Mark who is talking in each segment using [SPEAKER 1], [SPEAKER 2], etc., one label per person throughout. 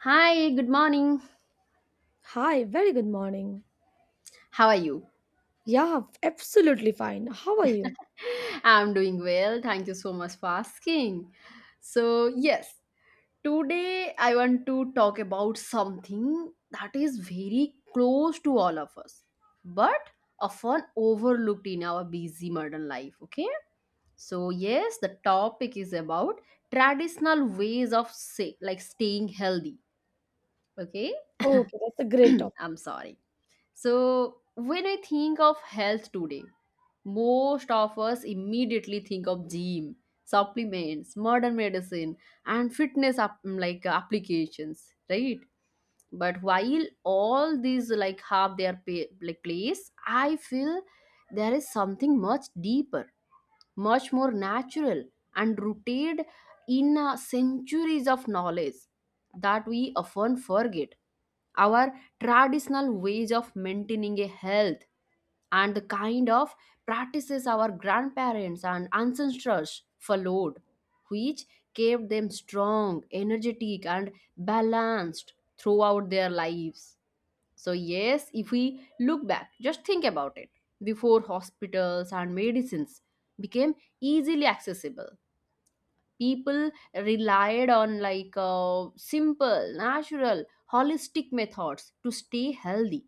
[SPEAKER 1] Hi, good morning.
[SPEAKER 2] Hi, very good morning.
[SPEAKER 1] How are you?
[SPEAKER 2] Yeah, absolutely fine. How are you?
[SPEAKER 1] I'm doing well. Thank you so much for asking. So today I want to talk about something that is very close to all of us, but often overlooked in our busy modern life. Okay. The topic is about traditional ways of like staying healthy. Okay.
[SPEAKER 2] Okay, that's a great topic.
[SPEAKER 1] I'm sorry. So, when I think of health today, most of us immediately think of gym, supplements, modern medicine, and fitness applications, right? But while all these have their place, I feel there is something much deeper, much more natural, and rooted in centuries of knowledge that we often forget. Our traditional ways of maintaining a health and the kind of practices our grandparents and ancestors followed, which kept them strong, energetic, and balanced throughout their lives. If we look back, just think about it. Before hospitals and medicines became easily accessible, people relied on simple, natural, holistic methods to stay healthy,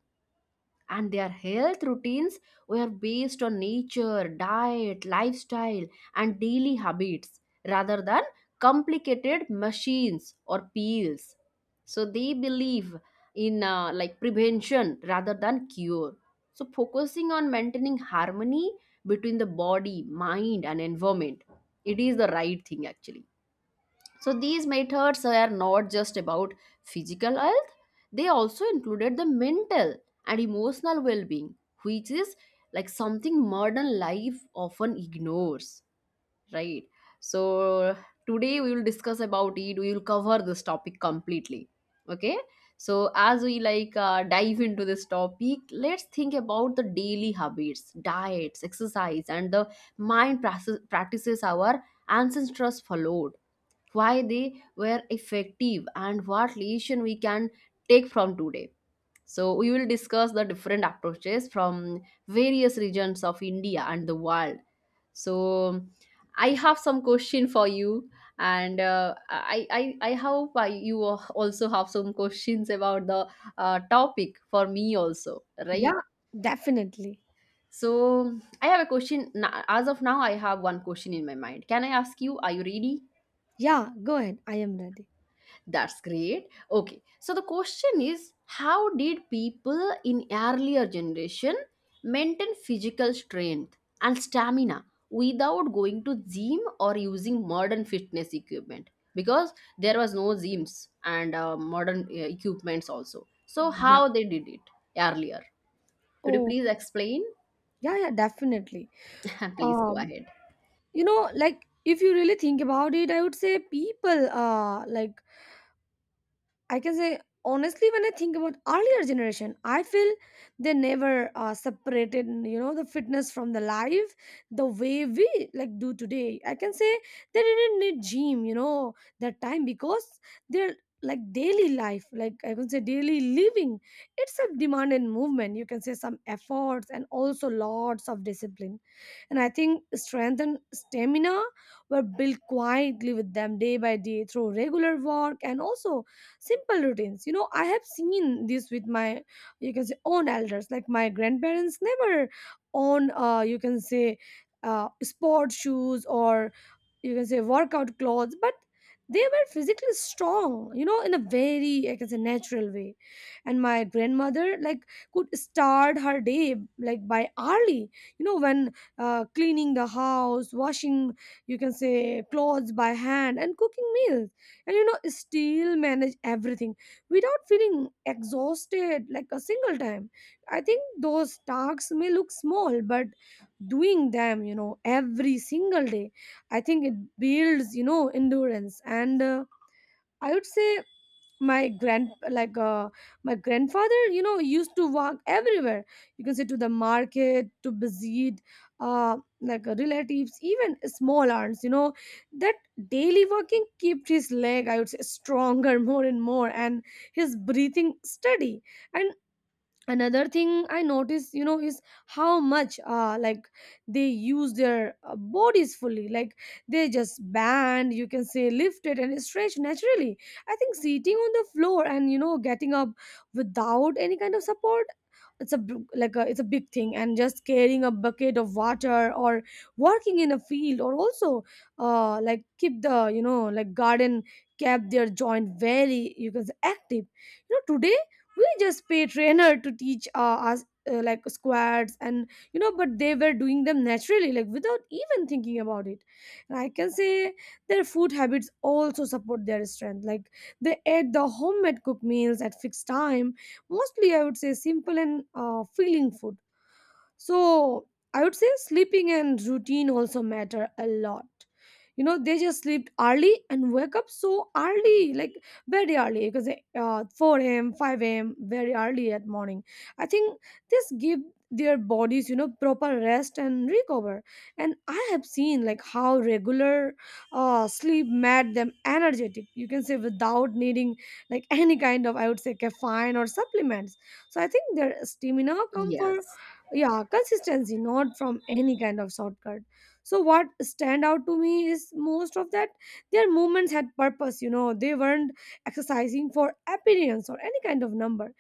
[SPEAKER 1] and their health routines were based on nature, diet, lifestyle, and daily habits rather than complicated machines or pills. So they believe in prevention rather than cure. So focusing on maintaining harmony between the body, mind, and environment, it is the right thing actually. So these methods are not just about physical health, they also included the mental and emotional well being, which is like something modern life often ignores, right? So today we will discuss about it, we will cover this topic completely, okay? So as we dive into this topic, let's think about the daily habits, diets, exercise, and the mind practices our ancestors followed, why they were effective and what lesson we can take from today. So we will discuss the different approaches from various regions of India and the world. So I have some question for you, and I hope you also have some questions about the topic for me also, right?
[SPEAKER 2] Yeah, definitely.
[SPEAKER 1] So I have a question. As of now I have one question in my mind. Can I ask you? Are you ready?
[SPEAKER 2] Yeah, go ahead. I am ready.
[SPEAKER 1] That's great. Okay. So the question is, how did people in earlier generation maintain physical strength and stamina without going to gym or using modern fitness equipment, because there was no gyms and modern equipments also. So
[SPEAKER 2] Yeah.
[SPEAKER 1] how they did it earlier? Could you
[SPEAKER 2] Oh,
[SPEAKER 1] please explain?
[SPEAKER 2] yeah, definitely.
[SPEAKER 1] Please go
[SPEAKER 2] Um,
[SPEAKER 1] ahead.
[SPEAKER 2] you know, like if you really think about it, I would say people like I can say honestly, when I think about earlier generation, I feel they never separated, you know, the fitness from the life the way we like do today. I can say they didn't need gym, you know, that time because their like daily life, like I can say daily living, it's a demand and movement. You can say some efforts and also lots of discipline. And I think strength and stamina were built quietly with them day by day through regular work and also simple routines, you know. I have seen this with my, you can say, own elders, like my grandparents never own you can say sport shoes or, you can say, workout clothes, but they were physically strong, you know, in a very, I can say, natural way. And my grandmother like could start her day like by early, you know, when cleaning the house, washing, you can say, clothes by hand, and cooking meals, and you know, still manage everything without feeling exhausted like a single time. I think those tasks may look small, but doing them, you know, every single day, I think it builds, you know, endurance. And I would say my grand like my grandfather, you know, used to walk everywhere. You can say to the market, to visit, relatives, even small aunts. You know, that daily walking kept his leg, I would say, stronger more and more, and his breathing steady. And another thing I notice, you know, is how much like they use their bodies fully, like they just bend, you can say, lifted, and stretch naturally. I think sitting on the floor and, you know, getting up without any kind of support, it's a b- like a, it's a big thing. And just carrying a bucket of water or working in a field, or also like keep the, you know, like garden, kept their joint very, you can say, active. You know, today we just pay trainer to teach us like squats, and you know, but they were doing them naturally, like without even thinking about it. And I can say their food habits also support their strength, like they ate the homemade cooked meals at fixed time, mostly, I would say, simple and feeling food. So I would say sleeping and routine also matter a lot. You know, they just sleep early and wake up so early, like very early, because 4 a.m., 5 a.m., very early at morning. I think this give their bodies, you know, proper rest and recover. And I have seen like how regular sleep made them energetic. You can say without needing like any kind of, I would say, caffeine or supplements. So I think their stamina, comfort,
[SPEAKER 1] Yes.
[SPEAKER 2] yeah, consistency, not from any kind of shortcut. So what stand out to me is most of that their movements had purpose. You know, they weren't exercising for appearance or any kind of number.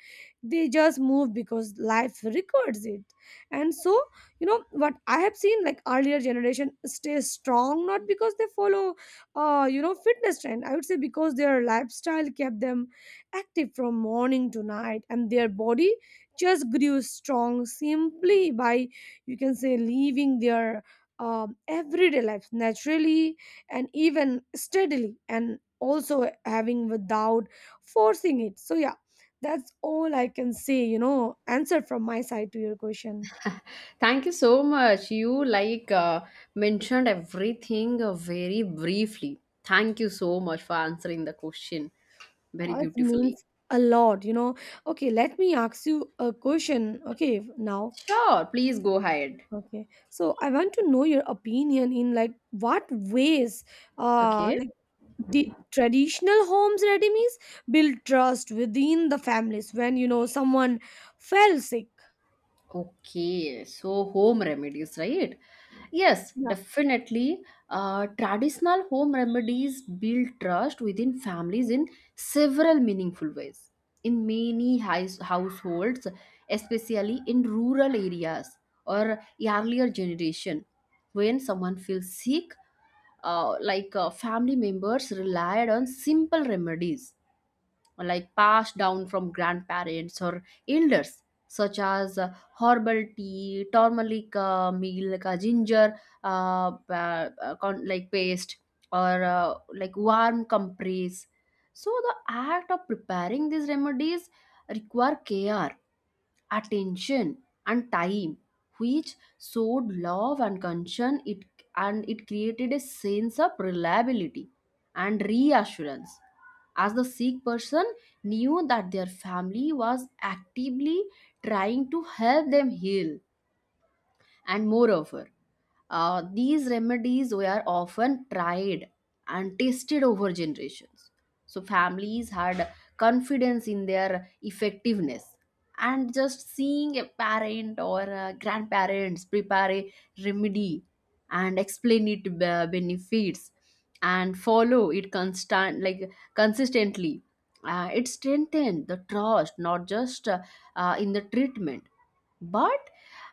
[SPEAKER 2] They just move because life records it. And so, you know, what I have seen like earlier generation stay strong not because they follow you know fitness trend. I would say because their lifestyle kept them active from morning to night, and their body just grew strong simply by, you can say, living their everyday lives naturally and even steadily, and also having without forcing it. So yeah, that's all I can say, you know, answer from my side to your question.
[SPEAKER 1] Thank you so much. You mentioned everything very briefly. Thank you so much for answering the question very
[SPEAKER 2] It means
[SPEAKER 1] beautifully.
[SPEAKER 2] a lot, you know. Okay, let me ask you a question. Okay, now,
[SPEAKER 1] Sure, please go ahead.
[SPEAKER 2] okay, so I want to know your opinion in like what ways uh
[SPEAKER 1] Okay.
[SPEAKER 2] the traditional homes redeemies build trust within the families when you know someone fell sick.
[SPEAKER 1] Okay, so home remedies, right? Yes,
[SPEAKER 2] Yeah.
[SPEAKER 1] definitely. Traditional home remedies build trust within families in several meaningful ways. In many households, especially in rural areas or earlier generation, when someone feels sick, family members relied on simple remedies like passed down from grandparents or elders, such as herbal tea, turmeric meal, like a ginger, paste, or warm compress. So the act of preparing these remedies require care, attention, and time, which showed love and concern it and it created a sense of reliability and reassurance, as the sick person knew that their family was actively trying to help them heal. And moreover, these remedies were often tried and tested over generations. So families had confidence in their effectiveness. And just seeing a parent or grandparents prepare a remedy and explain it benefits and follow it constant like consistently, it strengthened the trust, not just in the treatment but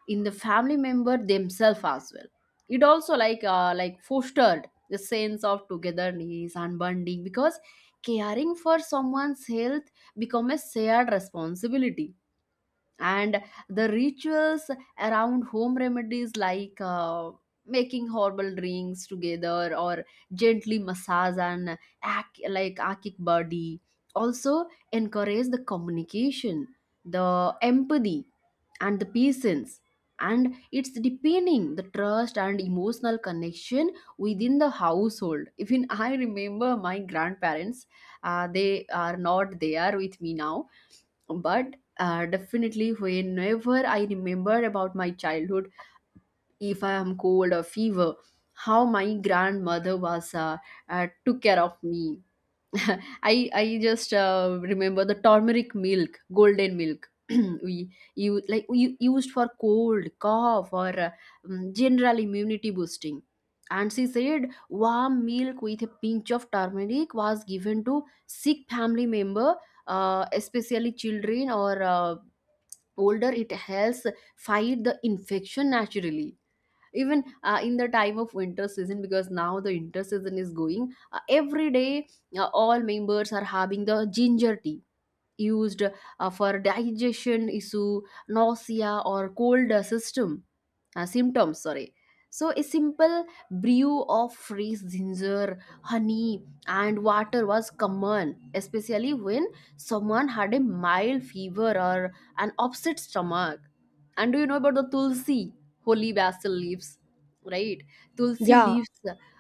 [SPEAKER 1] in the family member themselves as well. It also fostered the sense of togetherness and bonding, because caring for someone's health become a shared responsibility, and the rituals around home remedies, making herbal drinks together or gently massage and akic body, also encourage the communication, the empathy, and the patience, and it's deepening the trust and emotional connection within the household. Even I remember my grandparents, they are not there with me now, but definitely whenever I remember about my childhood, if I am cold or fever, how my grandmother was took care of me. I just remember the turmeric milk, golden milk. We you like we used for cold, cough, or general immunity boosting. And she said warm milk with a pinch of turmeric was given to sick family member, especially children or older. It helps fight the infection naturally, even in the time of winter season. Because now the winter season is going every day, all members are having the ginger tea, used for digestion issue, nausea, or cold system symptoms. Sorry. So a simple brew of fresh ginger, honey, and water was common, especially when someone had a mild fever or an upset stomach. And do you know about the tulsi, holy basil leaves, right? Tulsi
[SPEAKER 2] Yeah.
[SPEAKER 1] leaves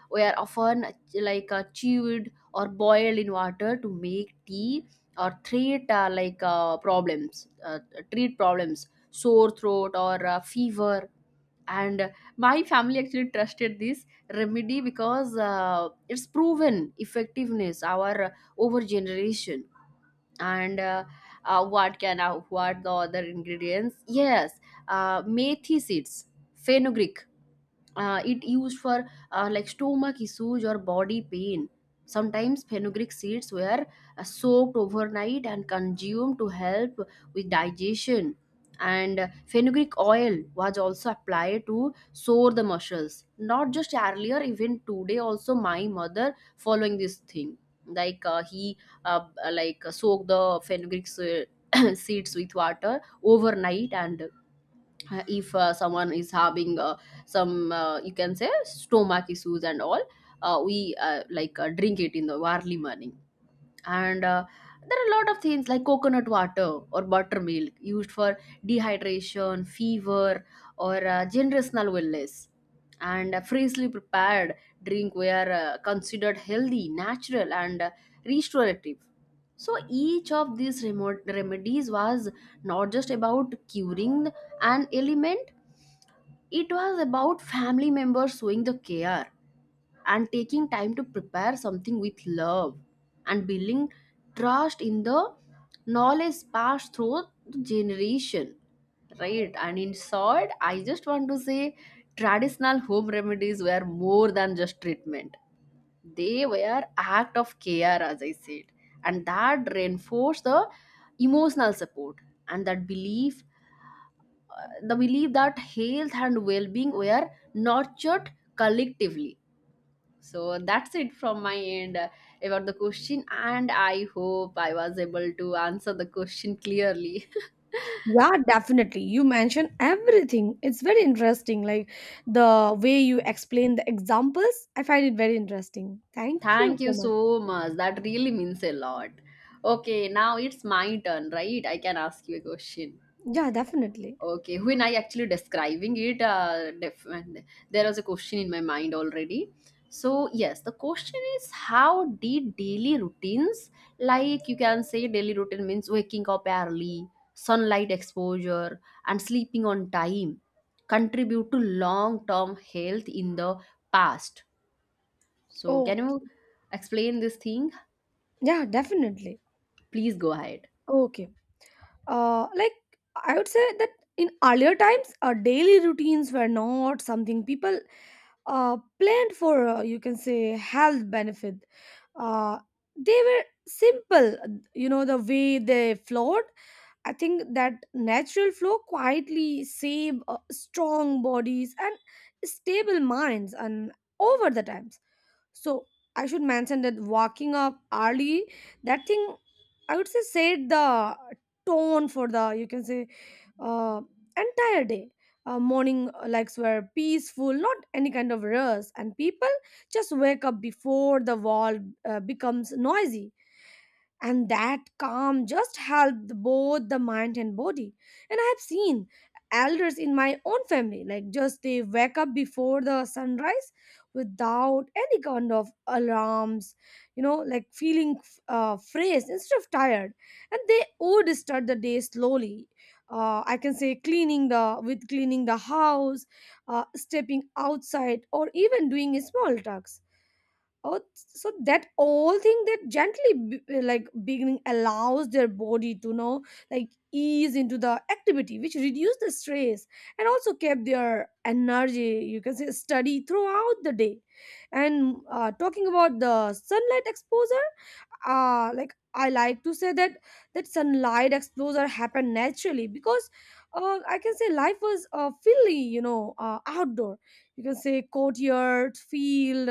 [SPEAKER 1] were often chewed or boiled in water to make tea or treat problems, sore throat or fever. And my family actually trusted this remedy because it's proven effectiveness our over generation. And what can what the other ingredients? Yes, methi seeds, fenugreek, it used for stomach issues or body pain. Sometimes fenugreek seeds were soaked overnight and consumed to help with digestion, and fenugreek oil was also applied to sore the muscles. Not just earlier, even today also my mother following this thing, he uh, soak the seeds with water overnight, and if someone is having some you can say stomach issues and all, we drink it in the early morning. And there are a lot of things like coconut water or buttermilk used for dehydration, fever, or generational wellness, and freshly prepared drink were considered healthy, natural, and restorative. So each of these remote remedies was not just about curing an ailment, it was about family members showing the care and taking time to prepare something with love and building trust in the knowledge passed through the generation. Right, and in short, I just want to say traditional home remedies were more than just treatment. They were act of care, as I said, and that reinforced the emotional support and that belief the belief that health and well-being were nurtured collectively. So that's it from my end, about the question, and I hope I was able to answer the question clearly.
[SPEAKER 2] Yeah, definitely, you mentioned everything. It's very interesting, like the way you explain the examples, I find it very interesting. Thank you
[SPEAKER 1] Thank you
[SPEAKER 2] so much.
[SPEAKER 1] so much, that really means a lot. Okay, now it's my turn, right? I can ask you a question.
[SPEAKER 2] Yeah, definitely.
[SPEAKER 1] Okay, when I actually describing it, there was a question in my mind already. So yes, the question is, how did daily routines, like you can say, daily routine means waking up early, sunlight exposure, and sleeping on time, contribute to long-term health in the past. So can
[SPEAKER 2] Oh,
[SPEAKER 1] you explain this thing?
[SPEAKER 2] yeah, definitely.
[SPEAKER 1] Please go ahead.
[SPEAKER 2] Okay. Like I would say that in earlier times our daily routines were not something people planned for, you can say, health benefit. uh, they were simple, you know, the way they flowed. I think that natural flow quietly save strong bodies and stable minds and over the times. So I should mention that walking up early, that thing, I would say, set the tone for the, you can say, uh, entire day. Morning likes were peaceful, not any kind of rush, and people just wake up before the world becomes noisy, and that calm just helped both the mind and body. And I have seen elders in my own family, like just they wake up before the sunrise without any kind of alarms, you know, like feeling phrased instead of tired. And they would start the day slowly, I can say, cleaning the house, stepping outside, or even doing small tasks. Oh, so that all thing that gently b- like beginning allows their body to know, like ease into the activity, which reduce the stress and also kept their energy, you can say, study throughout the day. And Talking about the sunlight exposure, like I like to say that that sunlight exposure happened naturally because, I can say, life was fully, you know, outdoor. You can say courtyard, field,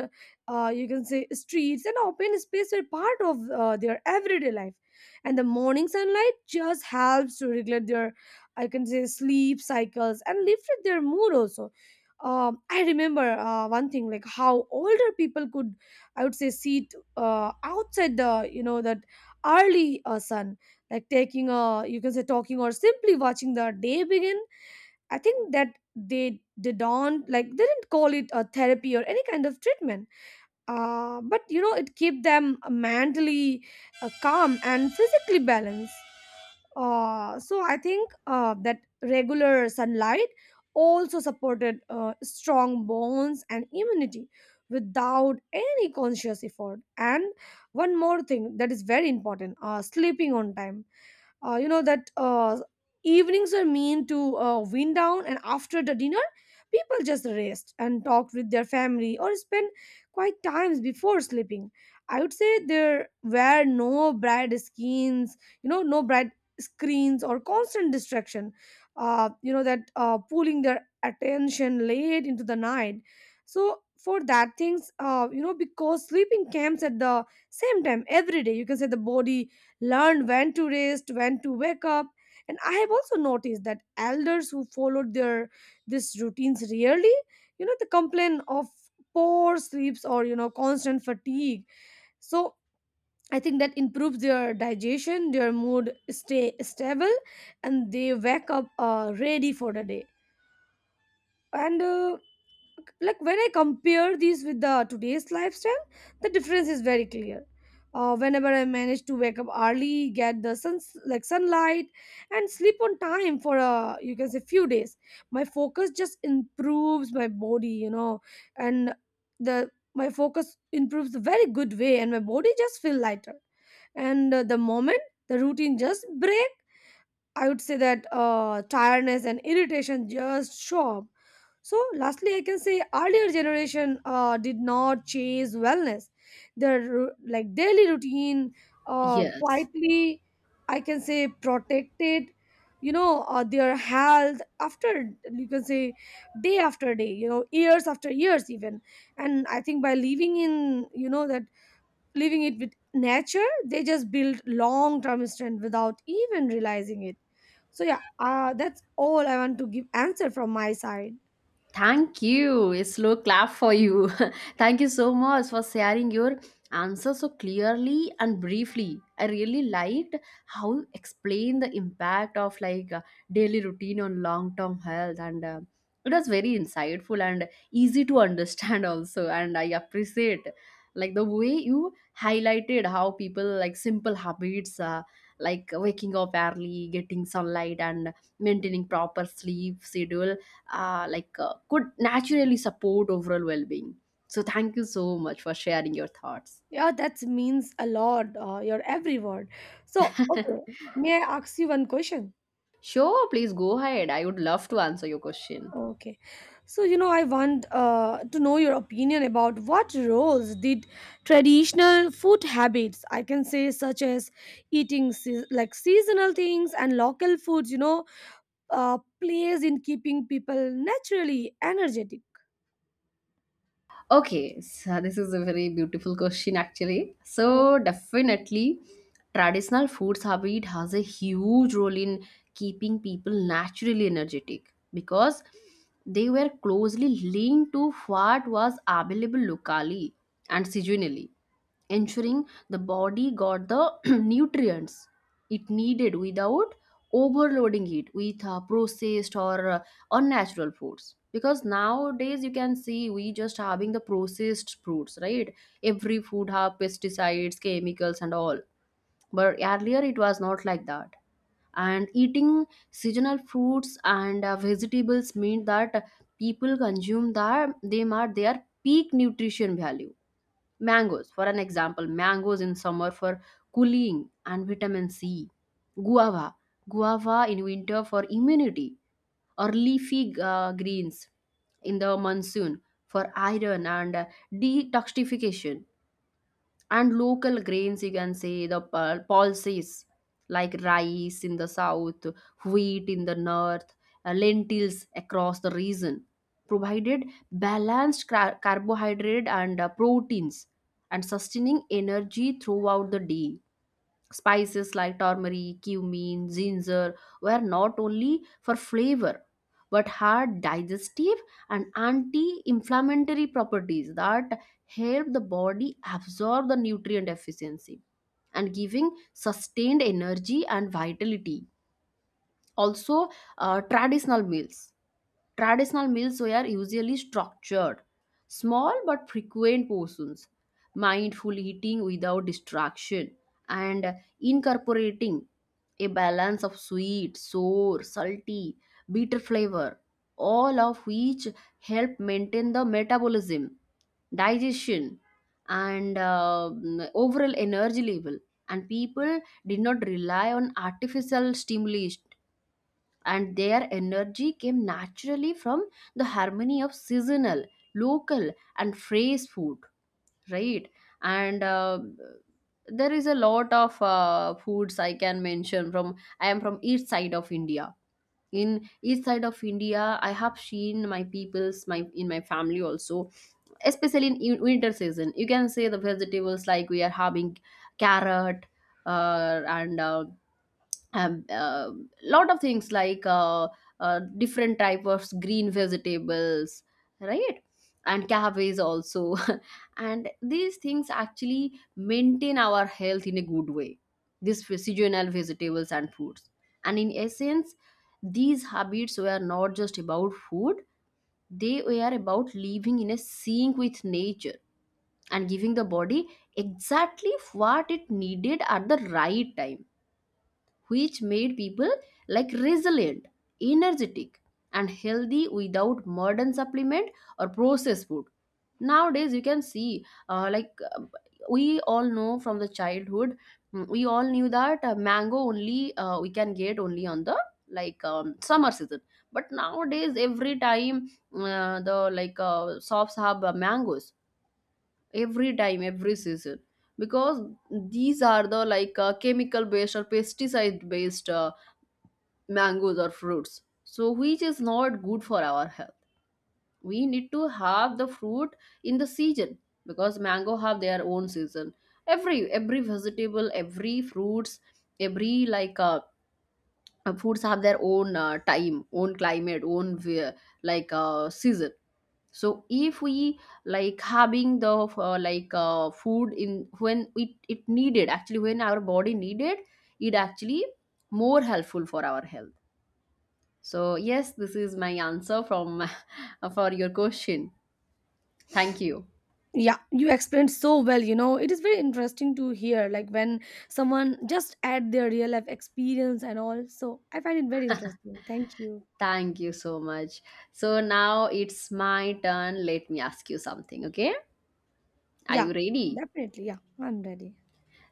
[SPEAKER 2] you can say, streets, and open space were part of their everyday life. And the morning sunlight just helps to regulate their, I can say, sleep cycles and lift their mood also. I remember one thing, like how older people could, I would say, sit outside the, you know, that early sun, like taking a, you can say, talking, or simply watching the day begin. I think that they don't like they didn't call it a therapy or any kind of treatment, but you know it keep them mentally calm and physically balanced. So I think that regular sunlight also supported strong bones and immunity without any conscious effort. And one more thing that is very important, sleeping on time. You know that evenings are meant to wind down, and after the dinner people just rest and talk with their family or spend quiet times before sleeping. I would say there were no bright skins, you know, no bright screens or constant distraction, you know that pulling their attention late into the night. So for that things, you know, because sleeping comes at the same time every day, you can say the body learned when to rest, when to wake up. And I have also noticed that elders who followed their these routines rarely, you know, they complain of poor sleeps or you know constant fatigue. So I think that improves their digestion, their mood stay stable, and they wake up ready for the day. And Like when I compare these with the today's lifestyle, the difference is very clear. Whenever I manage to wake up early, get the sun like sunlight, and sleep on time for a, you can say, few days, my focus just improves my body you know and the my focus improves a very good way, and my body just feel lighter. And The moment the routine just break, I would say that tiredness and irritation just show up. So, lastly, I can say earlier generation did not chase wellness. Their daily routine
[SPEAKER 1] Yes.
[SPEAKER 2] quietly, I can say, protected, you know, their health after, you can say, day after day, you know, years after years even. And I think by living in, you know, that living it with nature, they just build long term strength without even realizing it. So yeah, that's all I want to give answer from my side.
[SPEAKER 1] Thank you. A slow clap for you. Thank you so much for sharing your answer so clearly and briefly. I really liked how you explained the impact of daily routine on long-term health, and it was very insightful and easy to understand also. And I appreciate like the way you highlighted how people like simple habits, like waking up early, getting sunlight, and maintaining proper sleep schedule, could naturally support overall well-being. So thank you so much for sharing your thoughts.
[SPEAKER 2] Yeah, that means a lot. Your every word. So, okay, may I ask you one question?
[SPEAKER 1] Sure, please go ahead, I would love to answer your question.
[SPEAKER 2] Okay, so you know, I want to know your opinion about what roles did traditional food habits, I can say, such as eating seasonal things and local foods, you know, plays in keeping people naturally energetic.
[SPEAKER 1] Okay, so this is a very beautiful question actually. So definitely traditional foods habit has a huge role in keeping people naturally energetic because they were closely linked to what was available locally and seasonally, ensuring the body got the nutrients it needed without overloading it with processed or or natural foods because nowadays you can see we just having the processed fruits, right? Every food have pesticides, chemicals, and all, but earlier it was not like that. And eating seasonal fruits and vegetables mean that people consume that they are their peak nutrition value. Mangoes for an example, mangoes in summer for cooling and vitamin C, guava, guava in winter for immunity, or leafy greens in the monsoon for iron and detoxification. And local grains, you can say the pulses like rice in the south, wheat in the north, lentils across the region, provided balanced carbohydrate and proteins and sustaining energy throughout the day. Spices like turmeric, cumin, ginger were not only for flavor but had digestive and anti inflammatory properties that help the body absorb the nutrient efficiency and giving sustained energy and vitality. Also, uh, traditional meals. Traditional meals were usually structured, small but frequent portions, mindful eating without distraction, and incorporating a balance of sweet, sour, salty, bitter flavor, all of which help maintain the metabolism, digestion, and overall energy level. And people did not rely on artificial stimuli, and their energy came naturally from the harmony of seasonal, local, and fresh food, right? And there is a lot of foods I can mention from. I am from each side of India. In each side of India, I have seen my peoples, my in my family also, especially in winter season. You can say the vegetables like we are having carrot, and um, uh, lot of things like different type of green vegetables, right, and cafes also and these things actually maintain our health in a good way, these seasonal vegetables and fruits. And in essence, these habits were not just about food, they were about living in a sync with nature and giving the body exactly what it needed at the right time, which made people like resilient, energetic, and healthy without modern supplement or processed food. Nowadays, you can see like uh, we all know from the childhood, we all knew that mango only we can get only on the like summer season. But nowadays, every time the like shops have mangoes every time, every season, because these are the like chemical based or pesticide based mangoes or fruits, so which is not good for our health. We need to have the fruit in the season because mango have their own season. Every vegetable, every fruits, every like fruits have their own time, own climate, own like season. So if we like having the like food in when it needed, actually when our body needed it, actually more helpful for our health. So yes, this is my answer from for your question. Thank you.
[SPEAKER 2] Yeah, you explained so well, it is very interesting to hear, like, when someone just add their real life experience and all, so I find it very interesting. Thank you.
[SPEAKER 1] Thank you so much. So now it's my turn. Let me ask you something, okay? Are you
[SPEAKER 2] Yeah,
[SPEAKER 1] ready?
[SPEAKER 2] definitely, yeah, I'm ready.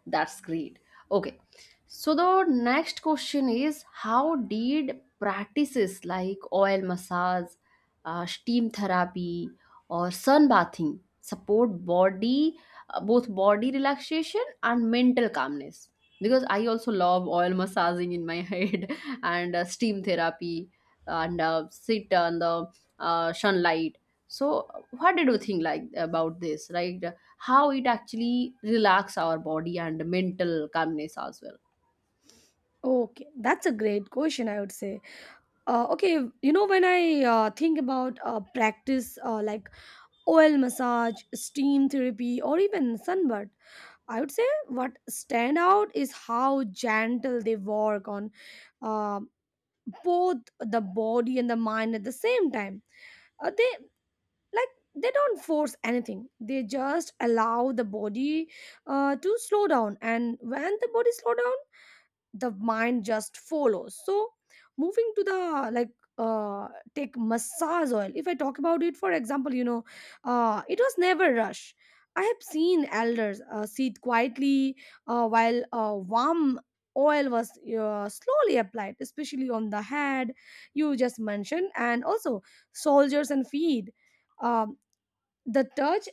[SPEAKER 1] That's great. Okay. So the next question is, how did practices like oil massage, steam therapy or sun bathing support body both body relaxation and mental calmness? Because I also love oil massaging in my head and steam therapy and sit on the sunlight. So what did you think like about this, right? How it actually relax our body and mental calmness as well.
[SPEAKER 2] Okay, that's a great question. I would say okay, when I think about practice, like oil massage, steam therapy, or even sunbath, I would say what stand out is how gentle they work on uh, both the body and the mind at the same time. uh, they like they don't force anything, they just allow the body to slow down, and when the body slow down, the mind just follows. So moving to the, like, uh take massage oil, if I talk about it, for example, it was never rush. I have seen elders sit quietly while warm oil was slowly applied, especially on the head, you just mentioned, and also soldiers and feet. um, the touch,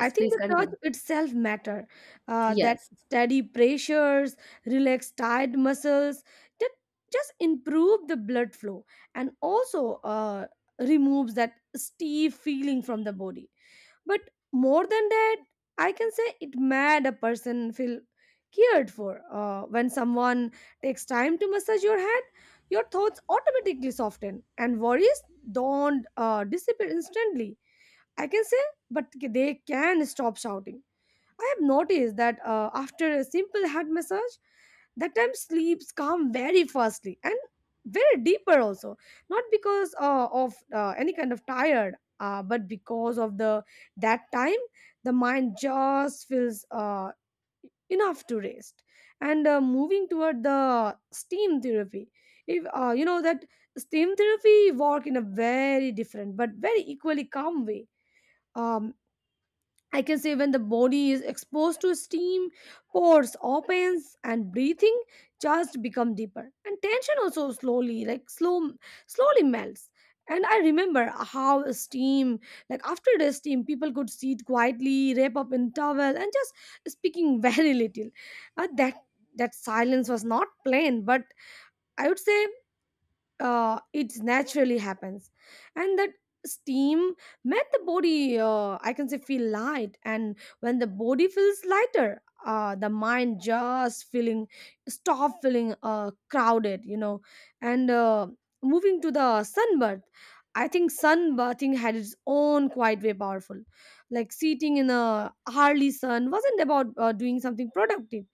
[SPEAKER 2] I think
[SPEAKER 1] please
[SPEAKER 2] the touch
[SPEAKER 1] continue.
[SPEAKER 2] itself matter. That
[SPEAKER 1] Yes,
[SPEAKER 2] steady pressures relax tired muscles, that just improve the blood flow, and also removes that stiff feeling from the body. But more than that, I can say it made a person feel cared for. When someone takes time to massage your head, your thoughts automatically soften, and worries don't disappear instantly, I can say, but they can stop shouting. I have noticed that, after a simple head massage, that time sleeps come very fastly and very deeper also. Not because of any kind of tired, but because of the, that time, the mind just feels enough to rest. And moving toward the steam therapy, if, you know that steam therapy work in a very different but very equally calm way. Um, I can say when the body is exposed to steam, pores opens and breathing just become deeper. And tension also slowly, like slow, slowly melts. And I remember how steam, like after the steam, people could sit quietly, wrap up in towel, and just speaking very little. Uh, that that silence was not plain, but I would say it naturally happens, and that steam made the body, I can say, feel light, and when the body feels lighter, the mind just feeling stop feeling crowded, and moving to the sunbath, I think sunbathing had its own quite way powerful, like sitting in a early sun wasn't about doing something productive,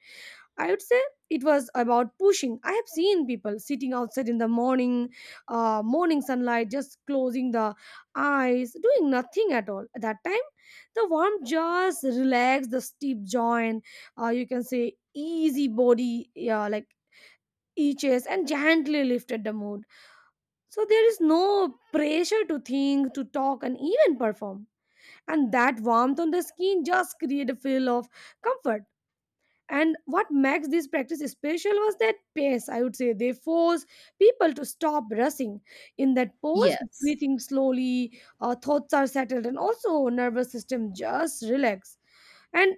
[SPEAKER 2] I would say. It was about pushing. I have seen people sitting outside in the morning, morning sunlight, just closing the eyes, doing nothing at all. At that time, the warmth just relaxed the steep joint. You can say easy body, yeah, like eaches, and gently lifted the mood. So there is no pressure to think, to talk, and even perform. And that warmth on the skin just create a feel of comfort. And what makes this practice special was that pace, I would say. They force people to stop rushing. In that pose,
[SPEAKER 1] yes.
[SPEAKER 2] breathing slowly, thoughts are settled, and also nervous system just relax. And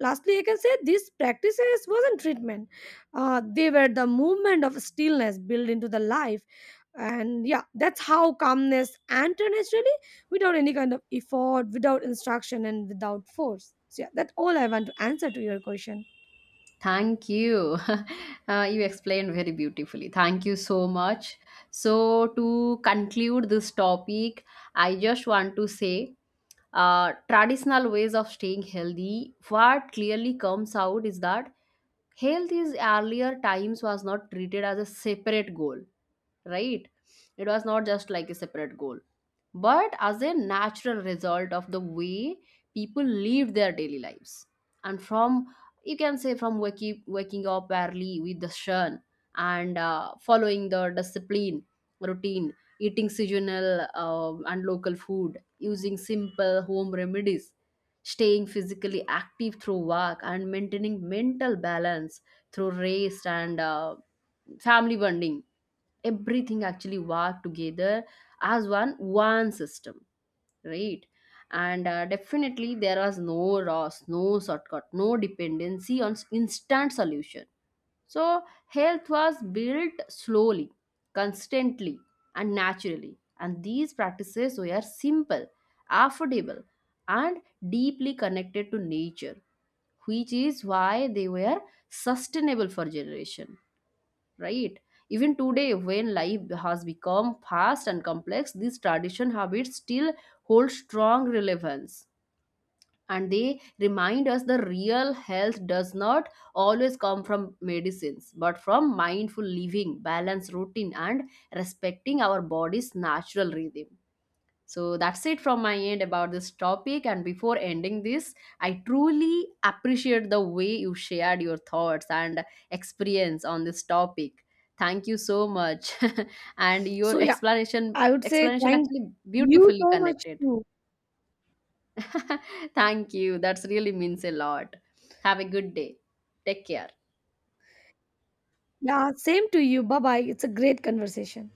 [SPEAKER 2] lastly, I can say these practices wasn't treatment. They were the movement of stillness built into the life. And yeah, that's how calmness entered naturally, without any kind of effort, without instruction, and without force. So yeah, that's all I want to answer to your question.
[SPEAKER 1] Thank you. You explained very beautifully. Thank you so much. So, to conclude this topic, I just want to say traditional ways of staying healthy, what clearly comes out is that health is earlier times was not treated as a separate goal, right? It was not just like a separate goal but as a natural result of the way people live their daily lives. And from, you can say, from waking up early with the sun and following the discipline routine, eating seasonal and local food, using simple home remedies, staying physically active through work, and maintaining mental balance through rest and family bonding, everything actually work together as one system, right? And definitely there was no loss, no shortcut, no dependency on instant solution. So health was built slowly, constantly, and naturally, and these practices were simple, affordable, and deeply connected to nature, which is why they were sustainable for generation, right? Even today, when life has become fast and complex, these tradition habits still hold strong relevance. And they remind us the real health does not always come from medicines, but from mindful living, balanced routine, and respecting our body's natural rhythm. So that's it from my end about this topic. And before ending this, I truly appreciate the way you shared your thoughts and experience on this topic. Thank you so much. And your
[SPEAKER 2] So yeah,
[SPEAKER 1] explanation
[SPEAKER 2] I would say
[SPEAKER 1] explanation
[SPEAKER 2] thank
[SPEAKER 1] actually
[SPEAKER 2] you
[SPEAKER 1] beautifully
[SPEAKER 2] so much
[SPEAKER 1] connected.
[SPEAKER 2] too.
[SPEAKER 1] Thank you. That's really means a lot. Have a good day. Take care.
[SPEAKER 2] Yeah, same to you. Bye bye. It's a great conversation.